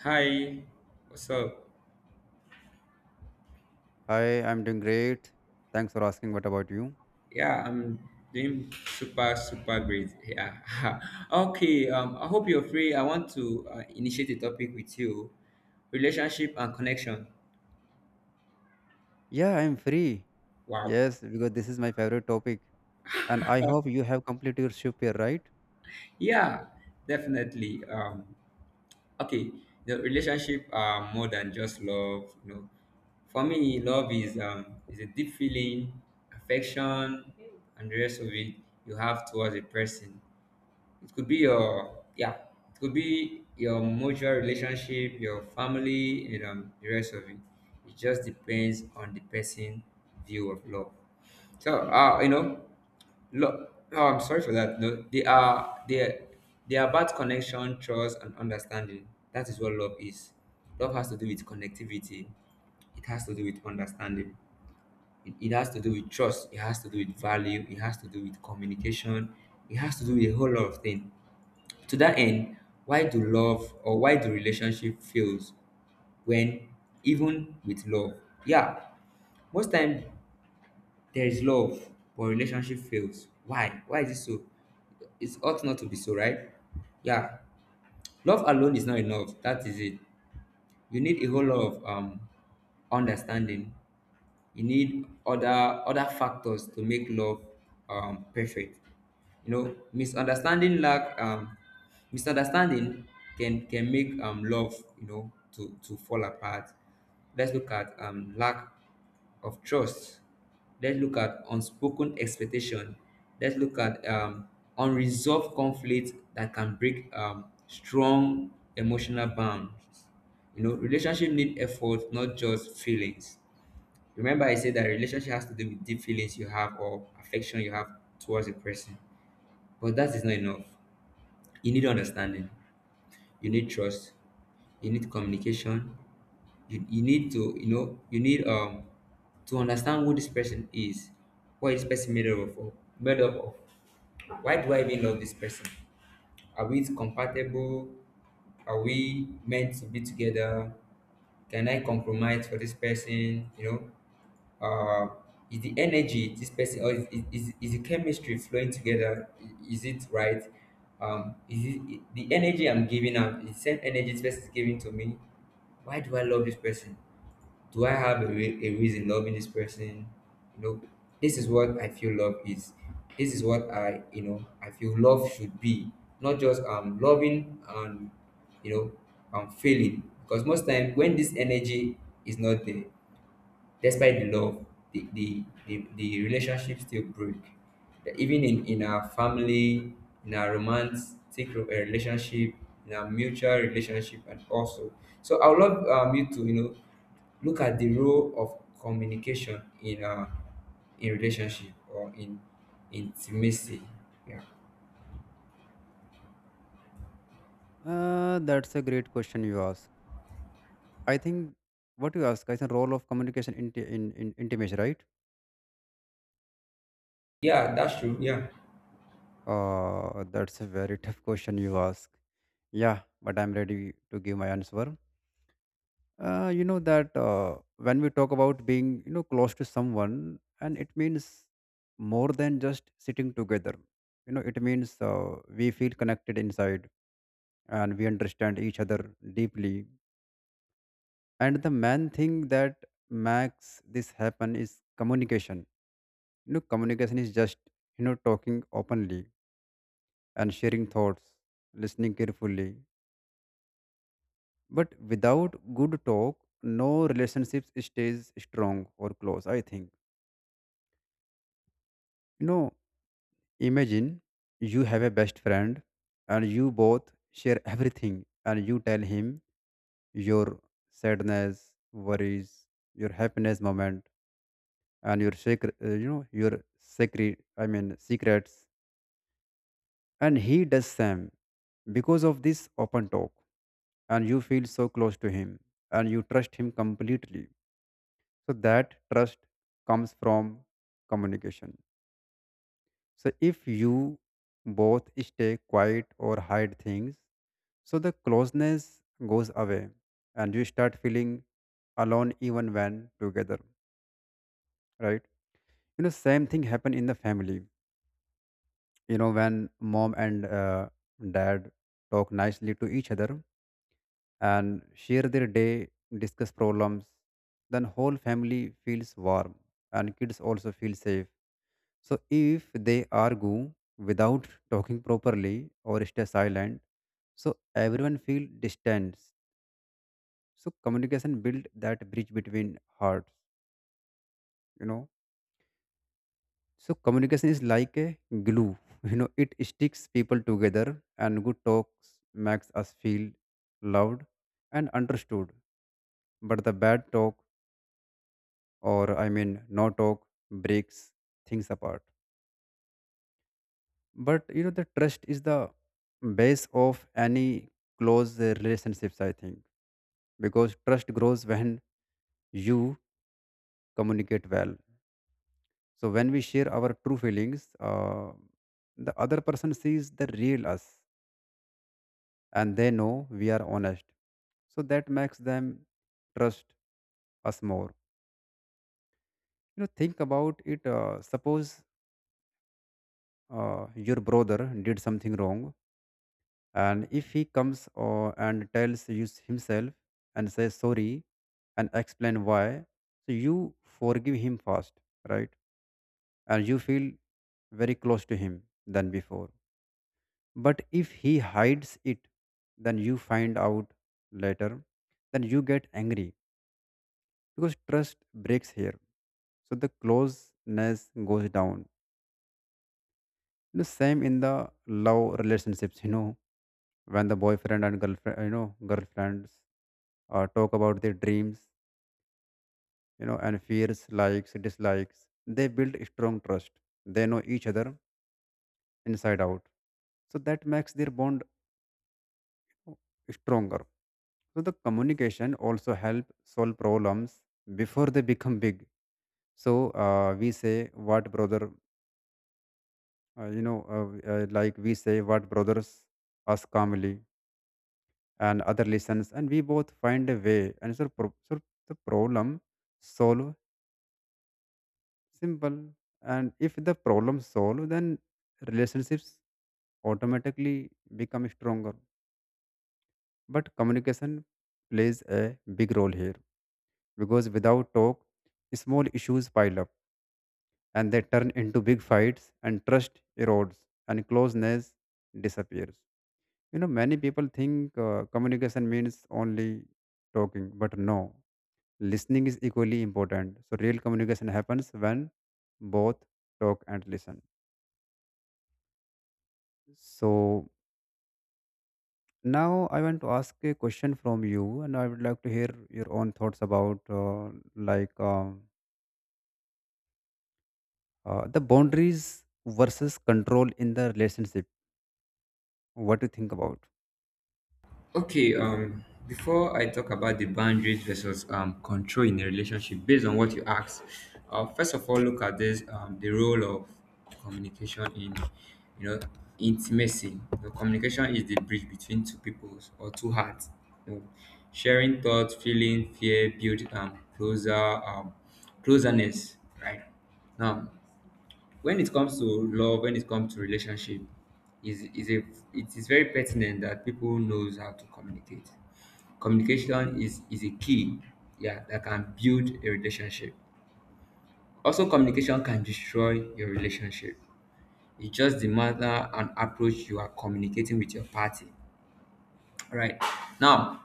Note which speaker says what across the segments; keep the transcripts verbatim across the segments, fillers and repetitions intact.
Speaker 1: Hi, what's up?
Speaker 2: Hi, I'm doing great. Thanks for asking. What about you?
Speaker 1: Yeah, I'm doing super, super great. Yeah. Okay, um, I hope you're free. I want to uh, initiate a topic with you, relationship and connection.
Speaker 2: Yeah, I'm free.
Speaker 1: Wow.
Speaker 2: Yes, because this is my favorite topic. And I hope you have completed your ship here, right?
Speaker 1: Yeah, definitely. Um, okay, the relationship are more than just love. You know, for me, love is um, is a deep feeling, affection, and the rest of it you have towards a person. It could be your, yeah. It could be your mutual relationship, your family, and um, the rest of it. It just depends on the person' view of love. So uh, you know, Look, oh, I'm sorry for that. No, they are they are, they are about connection, trust, and understanding. That is what love is. Love has to do with connectivity. It has to do with understanding. It, it has to do with trust. It has to do with value. It has to do with communication. It has to do with a whole lot of things. To that end, why do love or why do relationship fails when even with love? Yeah, most time there is love but relationship fails. Why? Why is it so? It ought not to be so, right? Yeah, love alone is not enough. That is it. You need a whole lot of um understanding. You need other other factors to make love um, perfect. You know misunderstanding, lack, um, misunderstanding can can make um, love, you know, to to fall apart. Let's look at um, lack of trust. Let's look at unspoken expectation. Let's look at um, unresolved conflict that can break um, strong emotional bonds. You know, relationship need effort, not just feelings. Remember, I said that relationship has to do with deep feelings you have or affection you have towards a person. But that is not enough. You need understanding. You need trust. You need communication. You, you need to, you know, you need um to understand who this person is, what is this person made up of, made up of. Why do I even love this person? Are we compatible? Are we meant to be together? Can I compromise for this person? You know, uh, is the energy this person or is, is, is the chemistry flowing together, I- is it right? Um is it the energy I'm giving out is the same energy this person is giving to me? Why do I love this person? Do I have a, re- a reason loving this person? You know, this is what I feel love is. This is what I you know I feel love should be. Not just um loving and you know um feeling, because most time when this energy is not there, despite the love, the the the, the relationship still break. That. Even in in our family, in our romantic ro- eh, relationship, in our mutual relationship, and also. So I would love um, you to you know look at the role of communication in, uh, in relationship or in intimacy. Yeah,
Speaker 2: Uh, that's a great question you ask. I think what you ask is the role of communication in, in, in intimacy, right?
Speaker 1: yeah, that's true. Yeah.
Speaker 2: Uh, that's a very tough question you ask. Yeah, but I'm ready to give my answer. Uh, you know that uh, when we talk about being, you know, close to someone, and it means more than just sitting together. You know, it means uh, we feel connected inside and we understand each other deeply. And the main thing that makes this happen is communication. You know, communication is just, you know, talking openly and sharing thoughts, listening carefully. But without good talk, no relationships stays strong or close, I think. you know Imagine you have a best friend and you both share everything and you tell him your sadness, worries, your happiness moment and your secret, uh, you know, your secret, I mean secrets and he does same because of this open talk and you feel so close to him and you trust him completely. So that trust comes from communication. So if you both stay quiet or hide things, so the closeness goes away and you start feeling alone even when together, right? You know, same thing happen in the family. You know, when mom and uh, dad talk nicely to each other and share their day, discuss problems, then whole family feels warm and kids also feel safe. So if they argue without talking properly or stay silent, so everyone feel distant. So communication build that bridge between hearts, you know. So communication is like a glue, you know, it sticks people together and good talks makes us feel loved and understood. But the bad talk or I mean no talk breaks things apart. But you know the trust is the base of any close uh, relationships I think because trust grows when you communicate well. So when we share our true feelings, uh, the other person sees the real us and they know we are honest. So that makes them trust us more. You know, think about it. Uh, suppose uh, your brother did something wrong, and if he comes uh, and tells you himself and says sorry and explain why, so you forgive him fast, right? And you feel very close to him than before. But if he hides it, then you find out later, then you get angry because trust breaks here. So the closeness goes down. The same in the love relationships, you know, when the boyfriend and girlfriend, you know, girlfriends uh, talk about their dreams, you know, and fears, likes, dislikes, they build strong trust. They know each other inside out. So that makes their bond stronger. So the communication also help solve problems before they become big. So uh, we say what brother, uh, you know, uh, uh, like we say what brothers us calmly and other listens, and we both find a way. And so, pro- so the problem solve simple. And if the problem solve, then relationships automatically become stronger. But communication plays a big role here, because without talk, small issues pile up and they turn into big fights, and trust erodes and closeness disappears. You know, many people think uh, communication means only talking, but no, listening is equally important. So, real communication happens when both talk and listen. So, now I want to ask a question from you, and I would like to hear your own thoughts about uh, like. um Uh, the boundaries versus control in the relationship. What do you think about?
Speaker 1: Okay, um, before I talk about the boundaries versus um, control in a relationship, based on what you asked, uh, first of all, look at this, um, the role of communication in, you know, intimacy. The communication is the bridge between two peoples or two hearts. You know, sharing thoughts, feeling, fear, build um, closer, um, closerness. Right now, when it comes to love, when it comes to relationship, is is a it is very pertinent that people knows how to communicate. Communication is is a key, yeah, that can build a relationship. Also, communication can destroy your relationship. It just the matter and approach you are communicating with your party. All right. Now,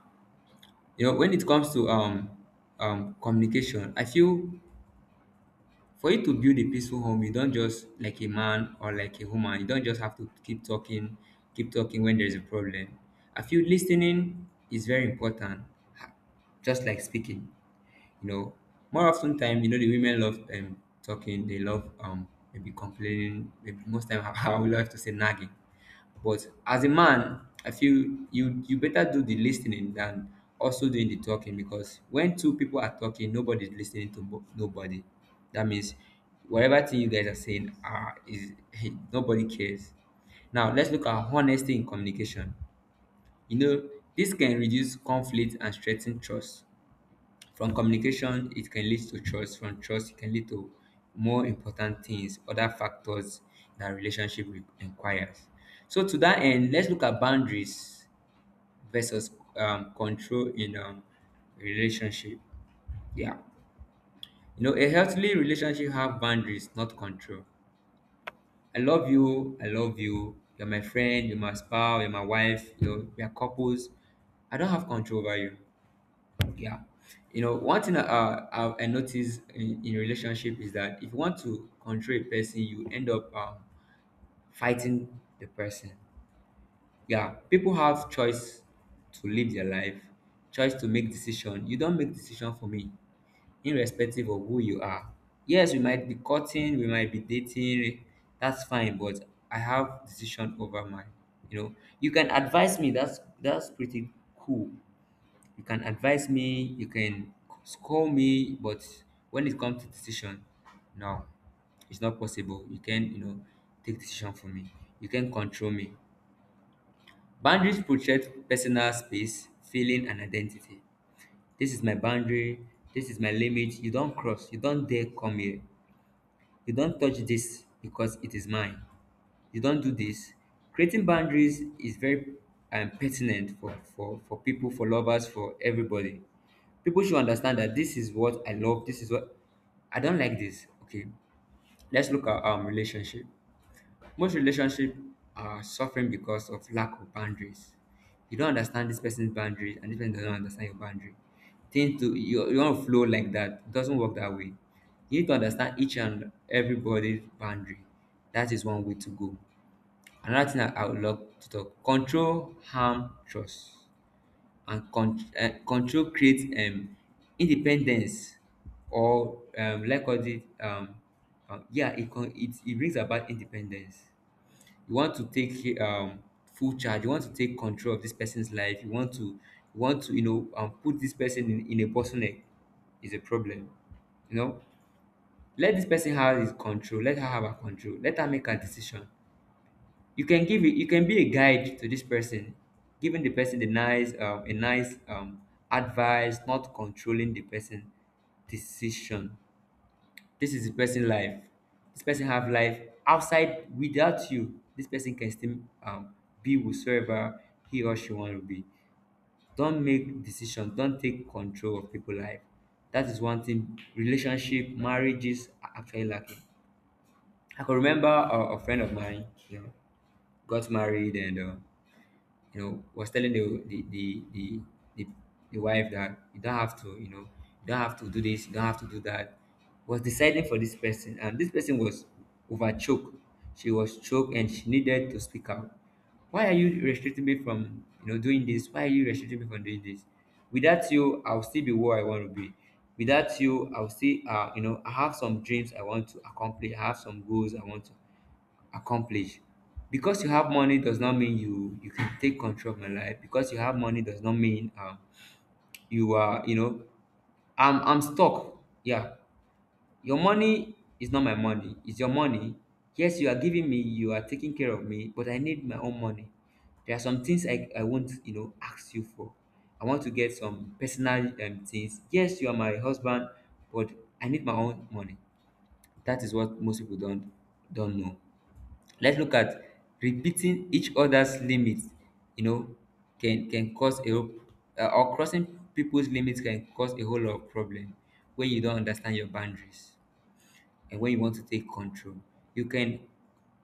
Speaker 1: you know when it comes to um um communication, I feel for you to build a peaceful home, you don't just, like a man or like a woman, you don't just have to keep talking, keep talking when there's a problem. I feel listening is very important, ha- just like speaking. You know, more often time, you know the women love um talking, they love, um maybe complaining, maybe most time, I would like to say nagging. But as a man, I feel you you better do the listening than also doing the talking, because when two people are talking, nobody's listening to mo- nobody. That means whatever thing you guys are saying are is nobody cares. Now let's look at honesty in communication. You know, this can reduce conflict and strengthen trust. From communication, it can lead to trust. From trust, it can lead to more important things, other factors that relationship re- requires. So to that end, let's look at boundaries versus um, control in um, relationship. Yeah, you know, a healthy relationship have boundaries, not control. I love you. I love you. You're my friend. You're my spouse. You're my wife. You're, we are couples. I don't have control over you. Yeah. You know, one thing I, uh, I, I notice in, in relationship is that if you want to control a person, you end up um, fighting the person. Yeah. People have choice to live their life, choice to make decision. You don't make decision for me, irrespective of who you are. Yes, we might be cutting, we might be dating. That's fine, but I have decision over my. You know, you can advise me. That's that's pretty cool. You can advise me, you can scold me, but when it comes to decision, no, it's not possible. You can, you know, take decision for me. You can control me. Boundaries protect personal space, feeling, and identity. This is my boundary. This is my limit. You don't cross. You don't dare come here. You don't touch this because it is mine. You don't do this. Creating boundaries is very um, pertinent for, for, for people, for lovers, for everybody. People should understand that this is what I love, this is what I don't like this. Okay, let's look at um relationship. Most relationship are suffering because of lack of boundaries. You don't understand this person's boundaries, and this person doesn't understand your boundary. Things to you, you want to flow like that. It doesn't work that way. You need to understand each and everybody's boundary. That is one way to go. Another thing I, I would love to talk: control, harm, trust, and con- um control creates um independence, or um like what it, um um yeah, it con it it brings about independence. You want to take um full charge, you want to take control of this person's life, you want to you want to you know um put this person in in a bottleneck, is a problem you know Let this person have his control, let her have her control, let her make her decision. You can give it, you can be a guide to this person, giving the person the nice um, a nice um, advice, not controlling the person decision. This is the person life, this person have life outside. Without you, this person can still, um, be whosoever he or she want to be. Don't make decisions, don't take control of people life. That is one thing relationship marriages are actually lacking. I can remember a, a friend of mine, you know, got married and uh, you know, was telling the the the the, the, the wife that you don't have to, you know, you don't have to do this, you don't have to do that, was deciding for this person, and this person was overchoked. She was choked, and she needed to speak out. Why are you restricting me from, you know, doing this? Why are you restricting me from doing this? Without you, I'll still be where I want to be. Without you, I'll still, uh, you know, I have some dreams I want to accomplish. I have some goals I want to accomplish because you have money does not mean you you can take control of my life. Because you have money does not mean um you are, you know i'm i'm stuck. Yeah, your money is not my money, it's your money. Yes, you are giving me, you are taking care of me, but I need my own money. There are some things i i won't, you know ask you for. I want to get some personal um, things. Yes, you are my husband, but I need my own money. That is what most people don't don't know. Let's look at repeating each other's limits, you know can can cause a whole- uh, or crossing people's limits can cause a whole lot of problem. When you don't understand your boundaries, and when you want to take control, you can,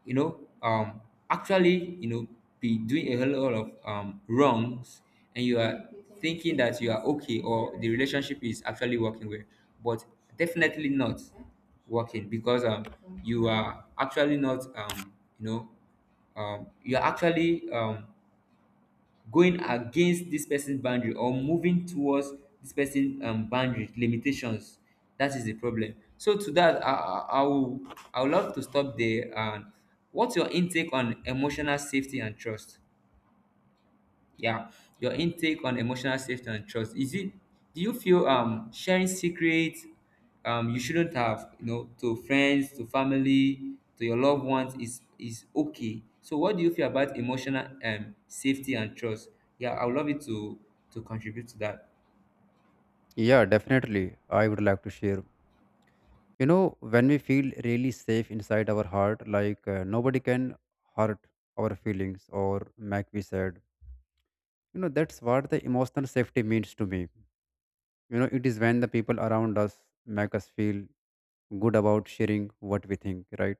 Speaker 1: you know um actually you know be doing a whole lot of um wrongs, and you are thinking that you are okay or the relationship is actually working well. But definitely not working, because um you are actually not, um you know um you are actually um going against this person's boundary, or moving towards this person's um, boundary limitations. That is the problem. So to that, i i, I will, I would love to stop there. And what's your intake on emotional safety and trust? Yeah, your intake on emotional safety and trust, is it, do you feel um sharing secrets um you shouldn't have, you know to friends, to family, to your loved ones is is okay? So what do you feel about emotional um safety and trust? Yeah, I would love you to to contribute to that.
Speaker 2: Yeah, definitely. I would like to share. You know, when we feel really safe inside our heart, like uh, nobody can hurt our feelings or make we sad. You know, that's what the emotional safety means to me. You know, it is when the people around us make us feel good about sharing what we think, right?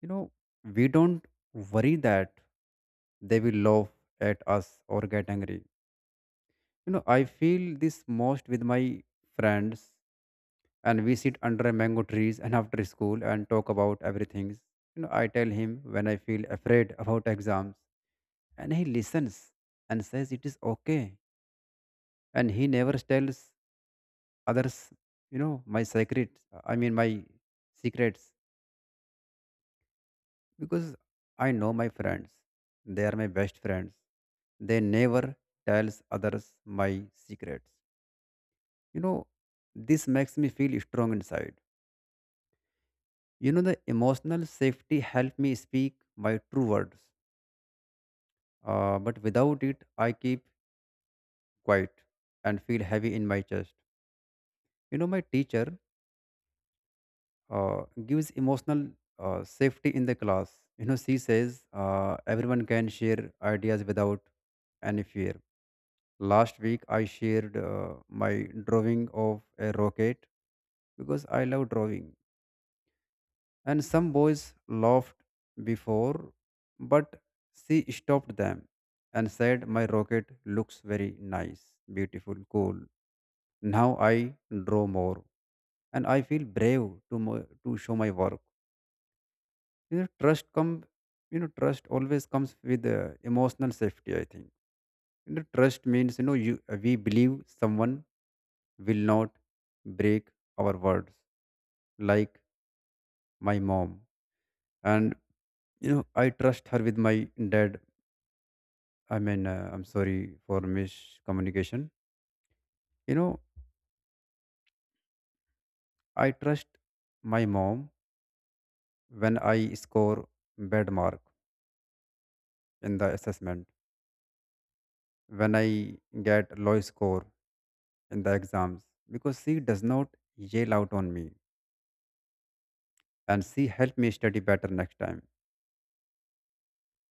Speaker 2: You know, we don't worry that they will laugh at us or get angry. You know, I feel this most with my friends, and we sit under a mango trees and after school and talk about everything. You know, I tell him when I feel afraid about exams, and he listens and says it is okay. And he never tells others, you know, my secrets. I mean, my secrets because I know my friends. They are my best friends. They never tells others my secrets. You know, this makes me feel strong inside. You know, the emotional safety helped me speak my true words, uh, but without it, I keep quiet and feel heavy in my chest. You know, my teacher uh, gives emotional uh, safety in the class. You know, she says uh, everyone can share ideas without any fear. Last week, I shared uh, my drawing of a rocket because I love drawing and some boys laughed before, but she stopped them and said, "My rocket looks very nice, beautiful, cool." Now I draw more and I feel brave to, mo- to show my work. You know, trust come, you know, trust always comes with uh, emotional safety, I think. You know, trust means, you know, you, we believe someone will not break our words, like my mom. And, you know, I trust her with my dad I mean, uh, I'm sorry for miscommunication. You know, I trust my mom when I score bad mark in the assessment, when I get low score in the exams, because she does not yell out on me and she help me study better next time.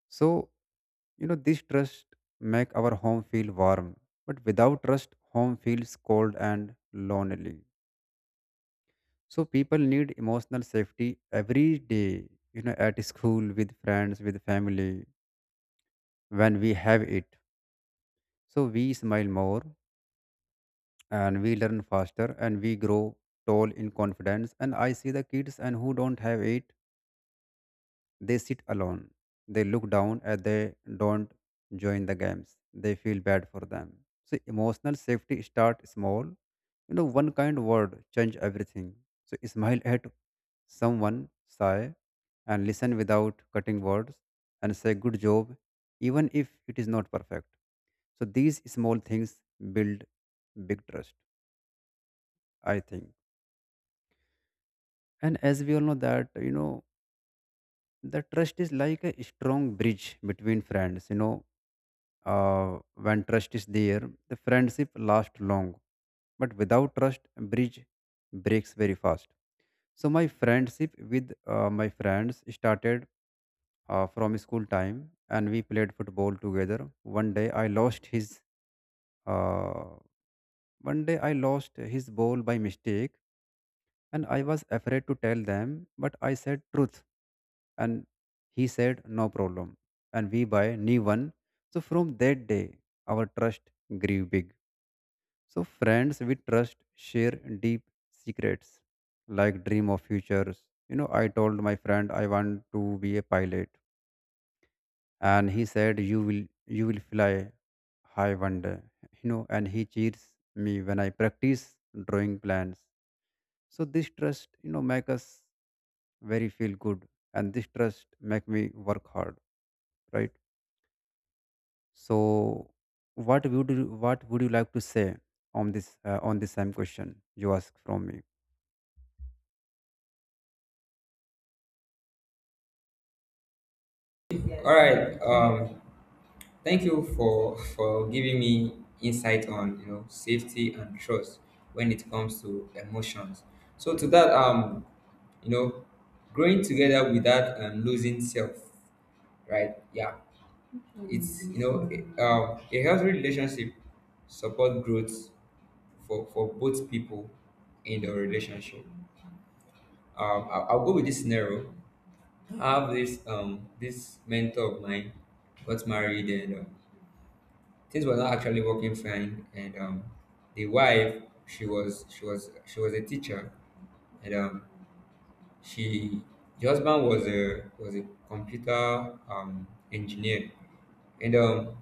Speaker 2: So, you know, this trust make our home feel warm, but without trust, home feels cold and lonely. So people need emotional safety every day, you know, at school, with friends, with family. When we have it, so we smile more and we learn faster and we grow tall in confidence. And I see the kids and who don't have it, they sit alone. They look down and they don't join the games. They feel bad for them. So emotional safety start small. You know, one kind word change everything. So smile at someone, sigh, and listen without cutting words, and say good job, even if it is not perfect. So these small things build big trust, I think. And as we all know that, you know, the trust is like a strong bridge between friends. You know, uh, when trust is there, the friendship lasts long. But without trust, bridge breaks very fast. So my friendship with uh, my friends started uh, from school time, and we played football together. One day I lost his. Uh, One day I lost his ball by mistake, and I was afraid to tell them, but I said truth, and he said no problem, and we buy new one. So from that day, our trust grew big. So friends we trust share deep secrets like dream of futures. You know, I told my friend I want to be a pilot and he said you will you will fly high one day. You know, and he cheers me when I practice drawing plans. So this trust, you know, make us very feel good and this trust make me work hard, right? So what would you what would you like to say on this uh, on this same question you ask from me?
Speaker 1: All right. Um, thank you for for giving me insight on, you know, safety and trust when it comes to emotions. So to that, um, you know growing together without um, losing self, right? Yeah, it's, you know, a, um, a healthy relationship support growth for for both people in the relationship. um I, will I'll go with this scenario. I have this um this mentor of mine, got married, and uh, things were not actually working fine. And um the wife, she was she was she was a teacher, and um She the husband was, a was a computer, um, engineer, and um,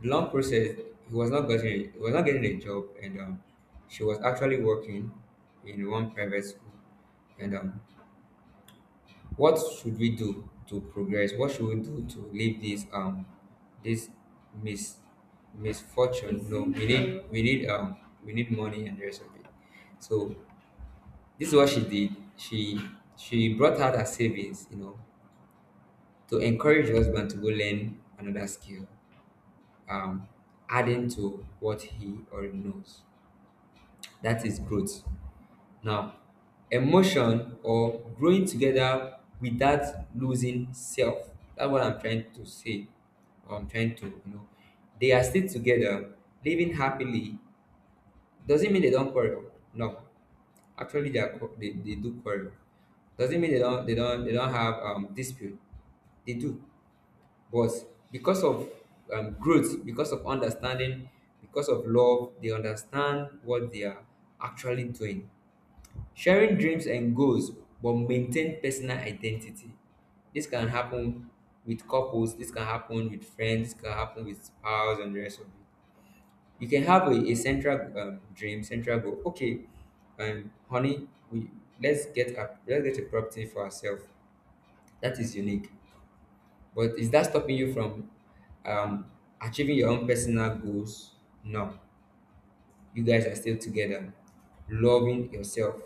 Speaker 1: the long process, he was not getting, he was not getting a job, and um, she was actually working in one private school. And um, what should we do to progress? What should we do to leave this um this mis misfortune? No, we need, we need um we need money and the rest of it. So this is what she did. She she brought out her savings, you know, to encourage your husband to go learn another skill, um, adding to what he already knows. That is growth. Now, emotion or growing together without losing self. That's what I'm trying to say. Or I'm trying to, you know, they are still together, living happily. Doesn't mean they don't quarrel. No, actually, they are qu- they, they do quarrel. Doesn't mean they don't they don't they don't have um dispute. They do. But because of um, growth, because of understanding, because of love, they understand what they are actually doing. Sharing dreams and goals, but maintain personal identity. This can happen with couples, this can happen with friends, this can happen with spouse and the rest of it. You can have a, a central um, dream, central goal. Okay, um, honey, we let's get a, let's get a property for ourselves that is unique. But is that stopping you from um, achieving your own personal goals? No. You guys are still together, loving yourself.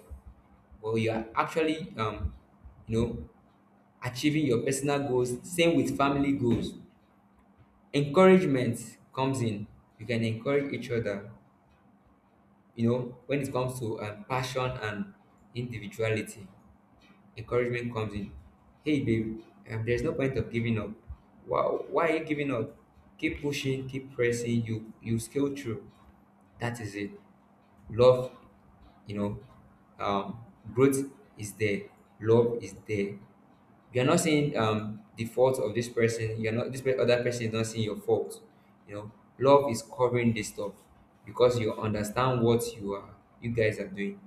Speaker 1: Well, you are actually, um, you know, achieving your personal goals. Same with family goals. Encouragement comes in. You can encourage each other. You know, when it comes to um, passion and individuality. Encouragement comes in. Hey, babe, um, there's no point of giving up. Why, why are you giving up? Keep pushing, keep pressing. You you scale through. That is it. Love, you know, um, growth is there. Love is there. You are not seeing um, the fault of this person. You are not, this pe- other person is not seeing your fault. You know, love is covering this stuff because you understand what you are. You guys are doing,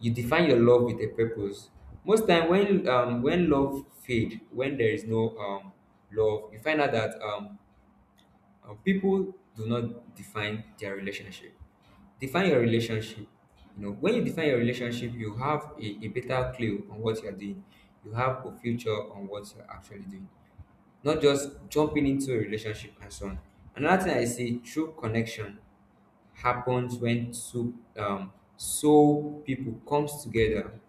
Speaker 1: you define your love with a purpose. Most time when, um when love fade, when there is no um love, you find out that um, um people do not define their relationship. Define your relationship. You know, when you define your relationship, you have a, a better clue on what you're doing. You have a future on what you're actually doing, not just jumping into a relationship and so on. Another thing I see, true connection happens when two um soul people comes together.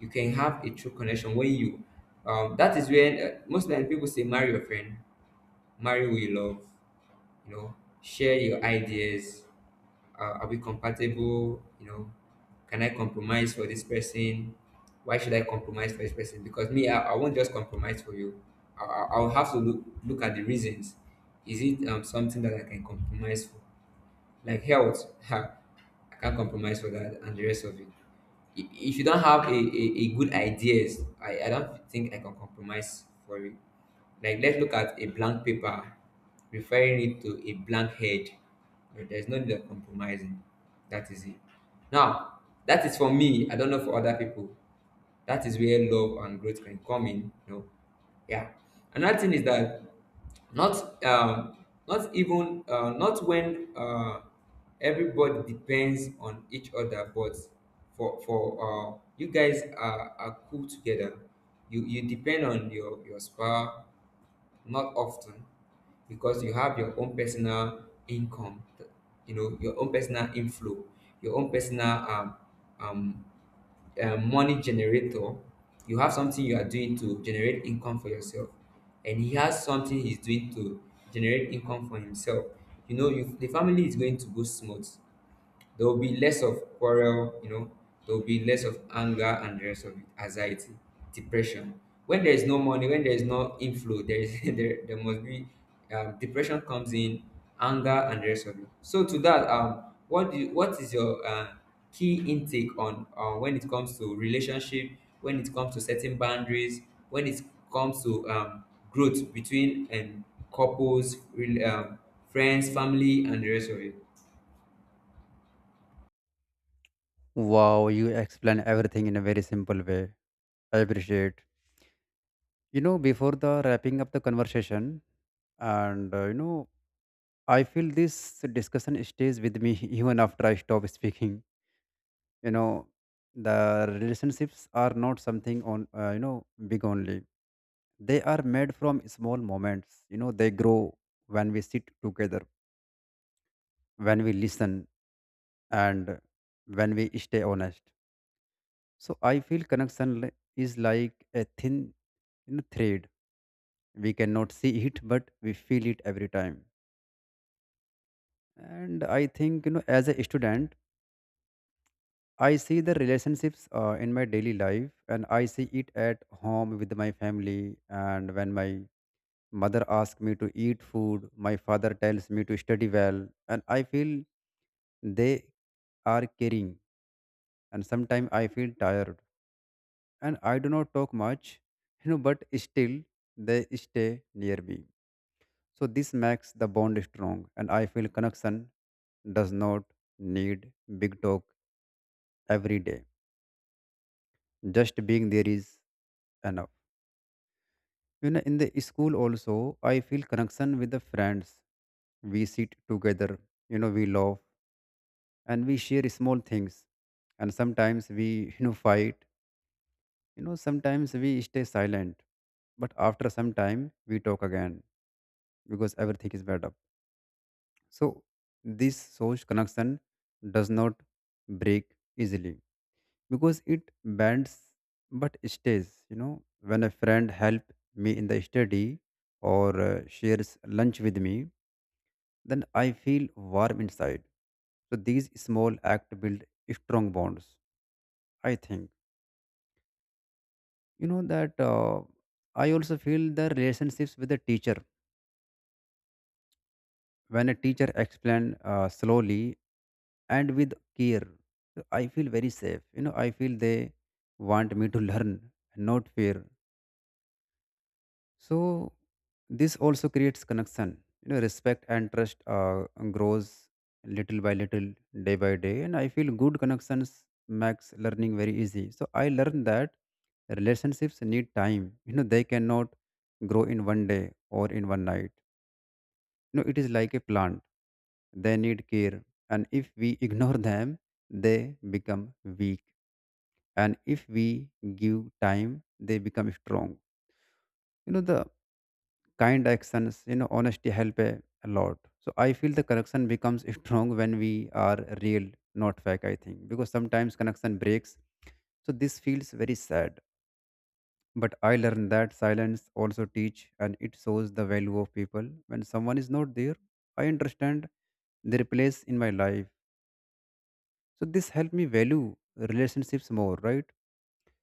Speaker 1: You can have a true connection when you, um, that is when, uh, most time people say, marry your friend, marry who you love, you know. Share your ideas. Uh, are we compatible, you know? Can I compromise for this person? Why should I compromise for this person? Because me, i, I won't just compromise for you. I, I- I'll have to look look at the reasons. Is it um, something that I can compromise for? Like health, I can't compromise for that and the rest of it. I- if you don't have a, a, a good ideas, I, I don't think I can compromise for it. Like, let's look at a blank paper, referring it to a blank head. Uh, there's no need of compromising. That is it. Now, that is for me, I don't know for other people. That is where love and growth can come in. You know, yeah. Another thing is that, not um, not even, uh, not when, uh, everybody depends on each other, but for for, uh, you guys are, are cool together. You you depend on your your spouse not often, because you have your own personal income, th- you know, your own personal inflow, your own personal, um, um, uh, money generator. You have something you are doing to generate income for yourself, and he has something he's doing to generate income for himself. You know, you, the family is going to go smooth. There will be less of quarrel, you know, there will be less of anger and the rest of it, anxiety, depression. When there is no money, when there is no inflow, there is there, there must be um, depression comes in, anger and the rest of it. So to that, um, what do you, what is your uh, key intake on, uh, when it comes to relationship, when it comes to setting boundaries, when it comes to um, growth between and couples, rel- um, friends, family, and the rest of it.
Speaker 2: Wow, you explain everything in a very simple way. I appreciate. You know, before the wrapping up the conversation, and uh, you know, I feel this discussion stays with me even after I stop speaking. You know, the relationships are not something on uh, you know big only. They are made from small moments. You know, they grow when we sit together, when we listen, and when we stay honest. So I feel connection li- is like a thin, you know, thread. We cannot see it, but we feel it every time. And I think, you know, as a student, I see the relationships uh, in my daily life, and I see it at home with my family. And when my mother asks me to eat food, my father tells me to study well, and I feel they are caring. And sometimes I feel tired and I do not talk much, you know, but still they stay near me. So this makes the bond strong, and I feel connection does not need big talk every day. Just being there is enough. You know, in the school also, I feel connection with the friends. We sit together, you know, we laugh and we share small things. And sometimes we, you know, fight. You know, sometimes we stay silent. But after some time, we talk again because everything is made up. So this source connection does not break easily because it bends but stays. You know, when a friend help me in the study or uh, shares lunch with me, then I feel warm inside. So these small act build strong bonds. I think you know that uh, I also feel the relationships with the teacher when a teacher explains uh, slowly and with care, I feel very safe. You know, I feel they want me to learn, not fear. So this also creates connection. You know, respect and trust uh, grows little by little, day by day, and I feel good connections makes learning very easy. So I learned that relationships need time. You know, they cannot grow in one day or in one night. No, it is like a plant, they need care. And if we ignore them, they become weak, and if we give time they become strong. You know, the kind actions, you know, honesty help a, a lot. So I feel the connection becomes strong when we are real, not fake, I think, because sometimes connection breaks, so this feels very sad. But I learned that silence also teach and it shows the value of people. When someone is not there, I understand their place in my life. So this helped me value relationships more, right?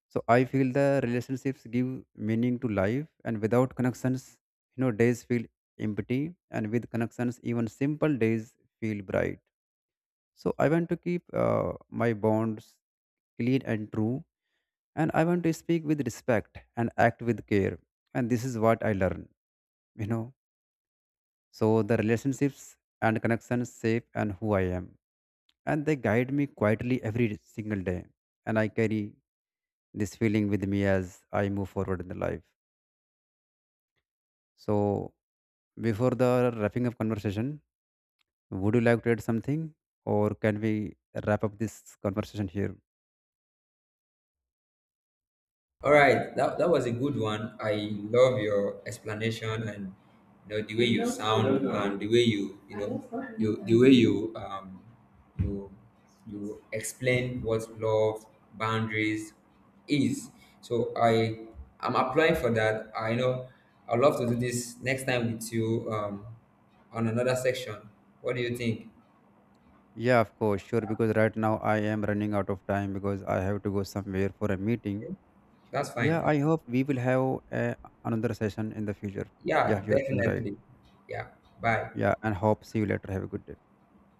Speaker 2: So I feel the relationships give meaning to life and without connections, you know, days feel empty and with connections even simple days feel bright. So I want to keep uh, my bonds clean and true, and I want to speak with respect and act with care. And this is what I learn, you know. So the relationships and connections shape and who I am, and they guide me quietly every single day. And I carry this feeling with me as I move forward in the life. So before the wrapping up conversation, would you like to add something, or can we wrap up this conversation here?
Speaker 1: All right, that, that was a good one. I love your explanation, and you know the way you sound and the way you, you know you the way you, um you you explain what love boundaries is. So I I'm applying for that. I know I'd love to do this next time with you, um on another section. What do you think?
Speaker 2: Yeah, of course, sure. Because right now I am running out of time because I have to go somewhere for a meeting.
Speaker 1: That's fine.
Speaker 2: Yeah,
Speaker 1: That's
Speaker 2: I
Speaker 1: fine.
Speaker 2: hope we will have uh, another session in the future. Yeah,
Speaker 1: Yeah,
Speaker 2: you're right.
Speaker 1: definitely. Yeah. Bye.
Speaker 2: Yeah, and hope see you later. Have a good day.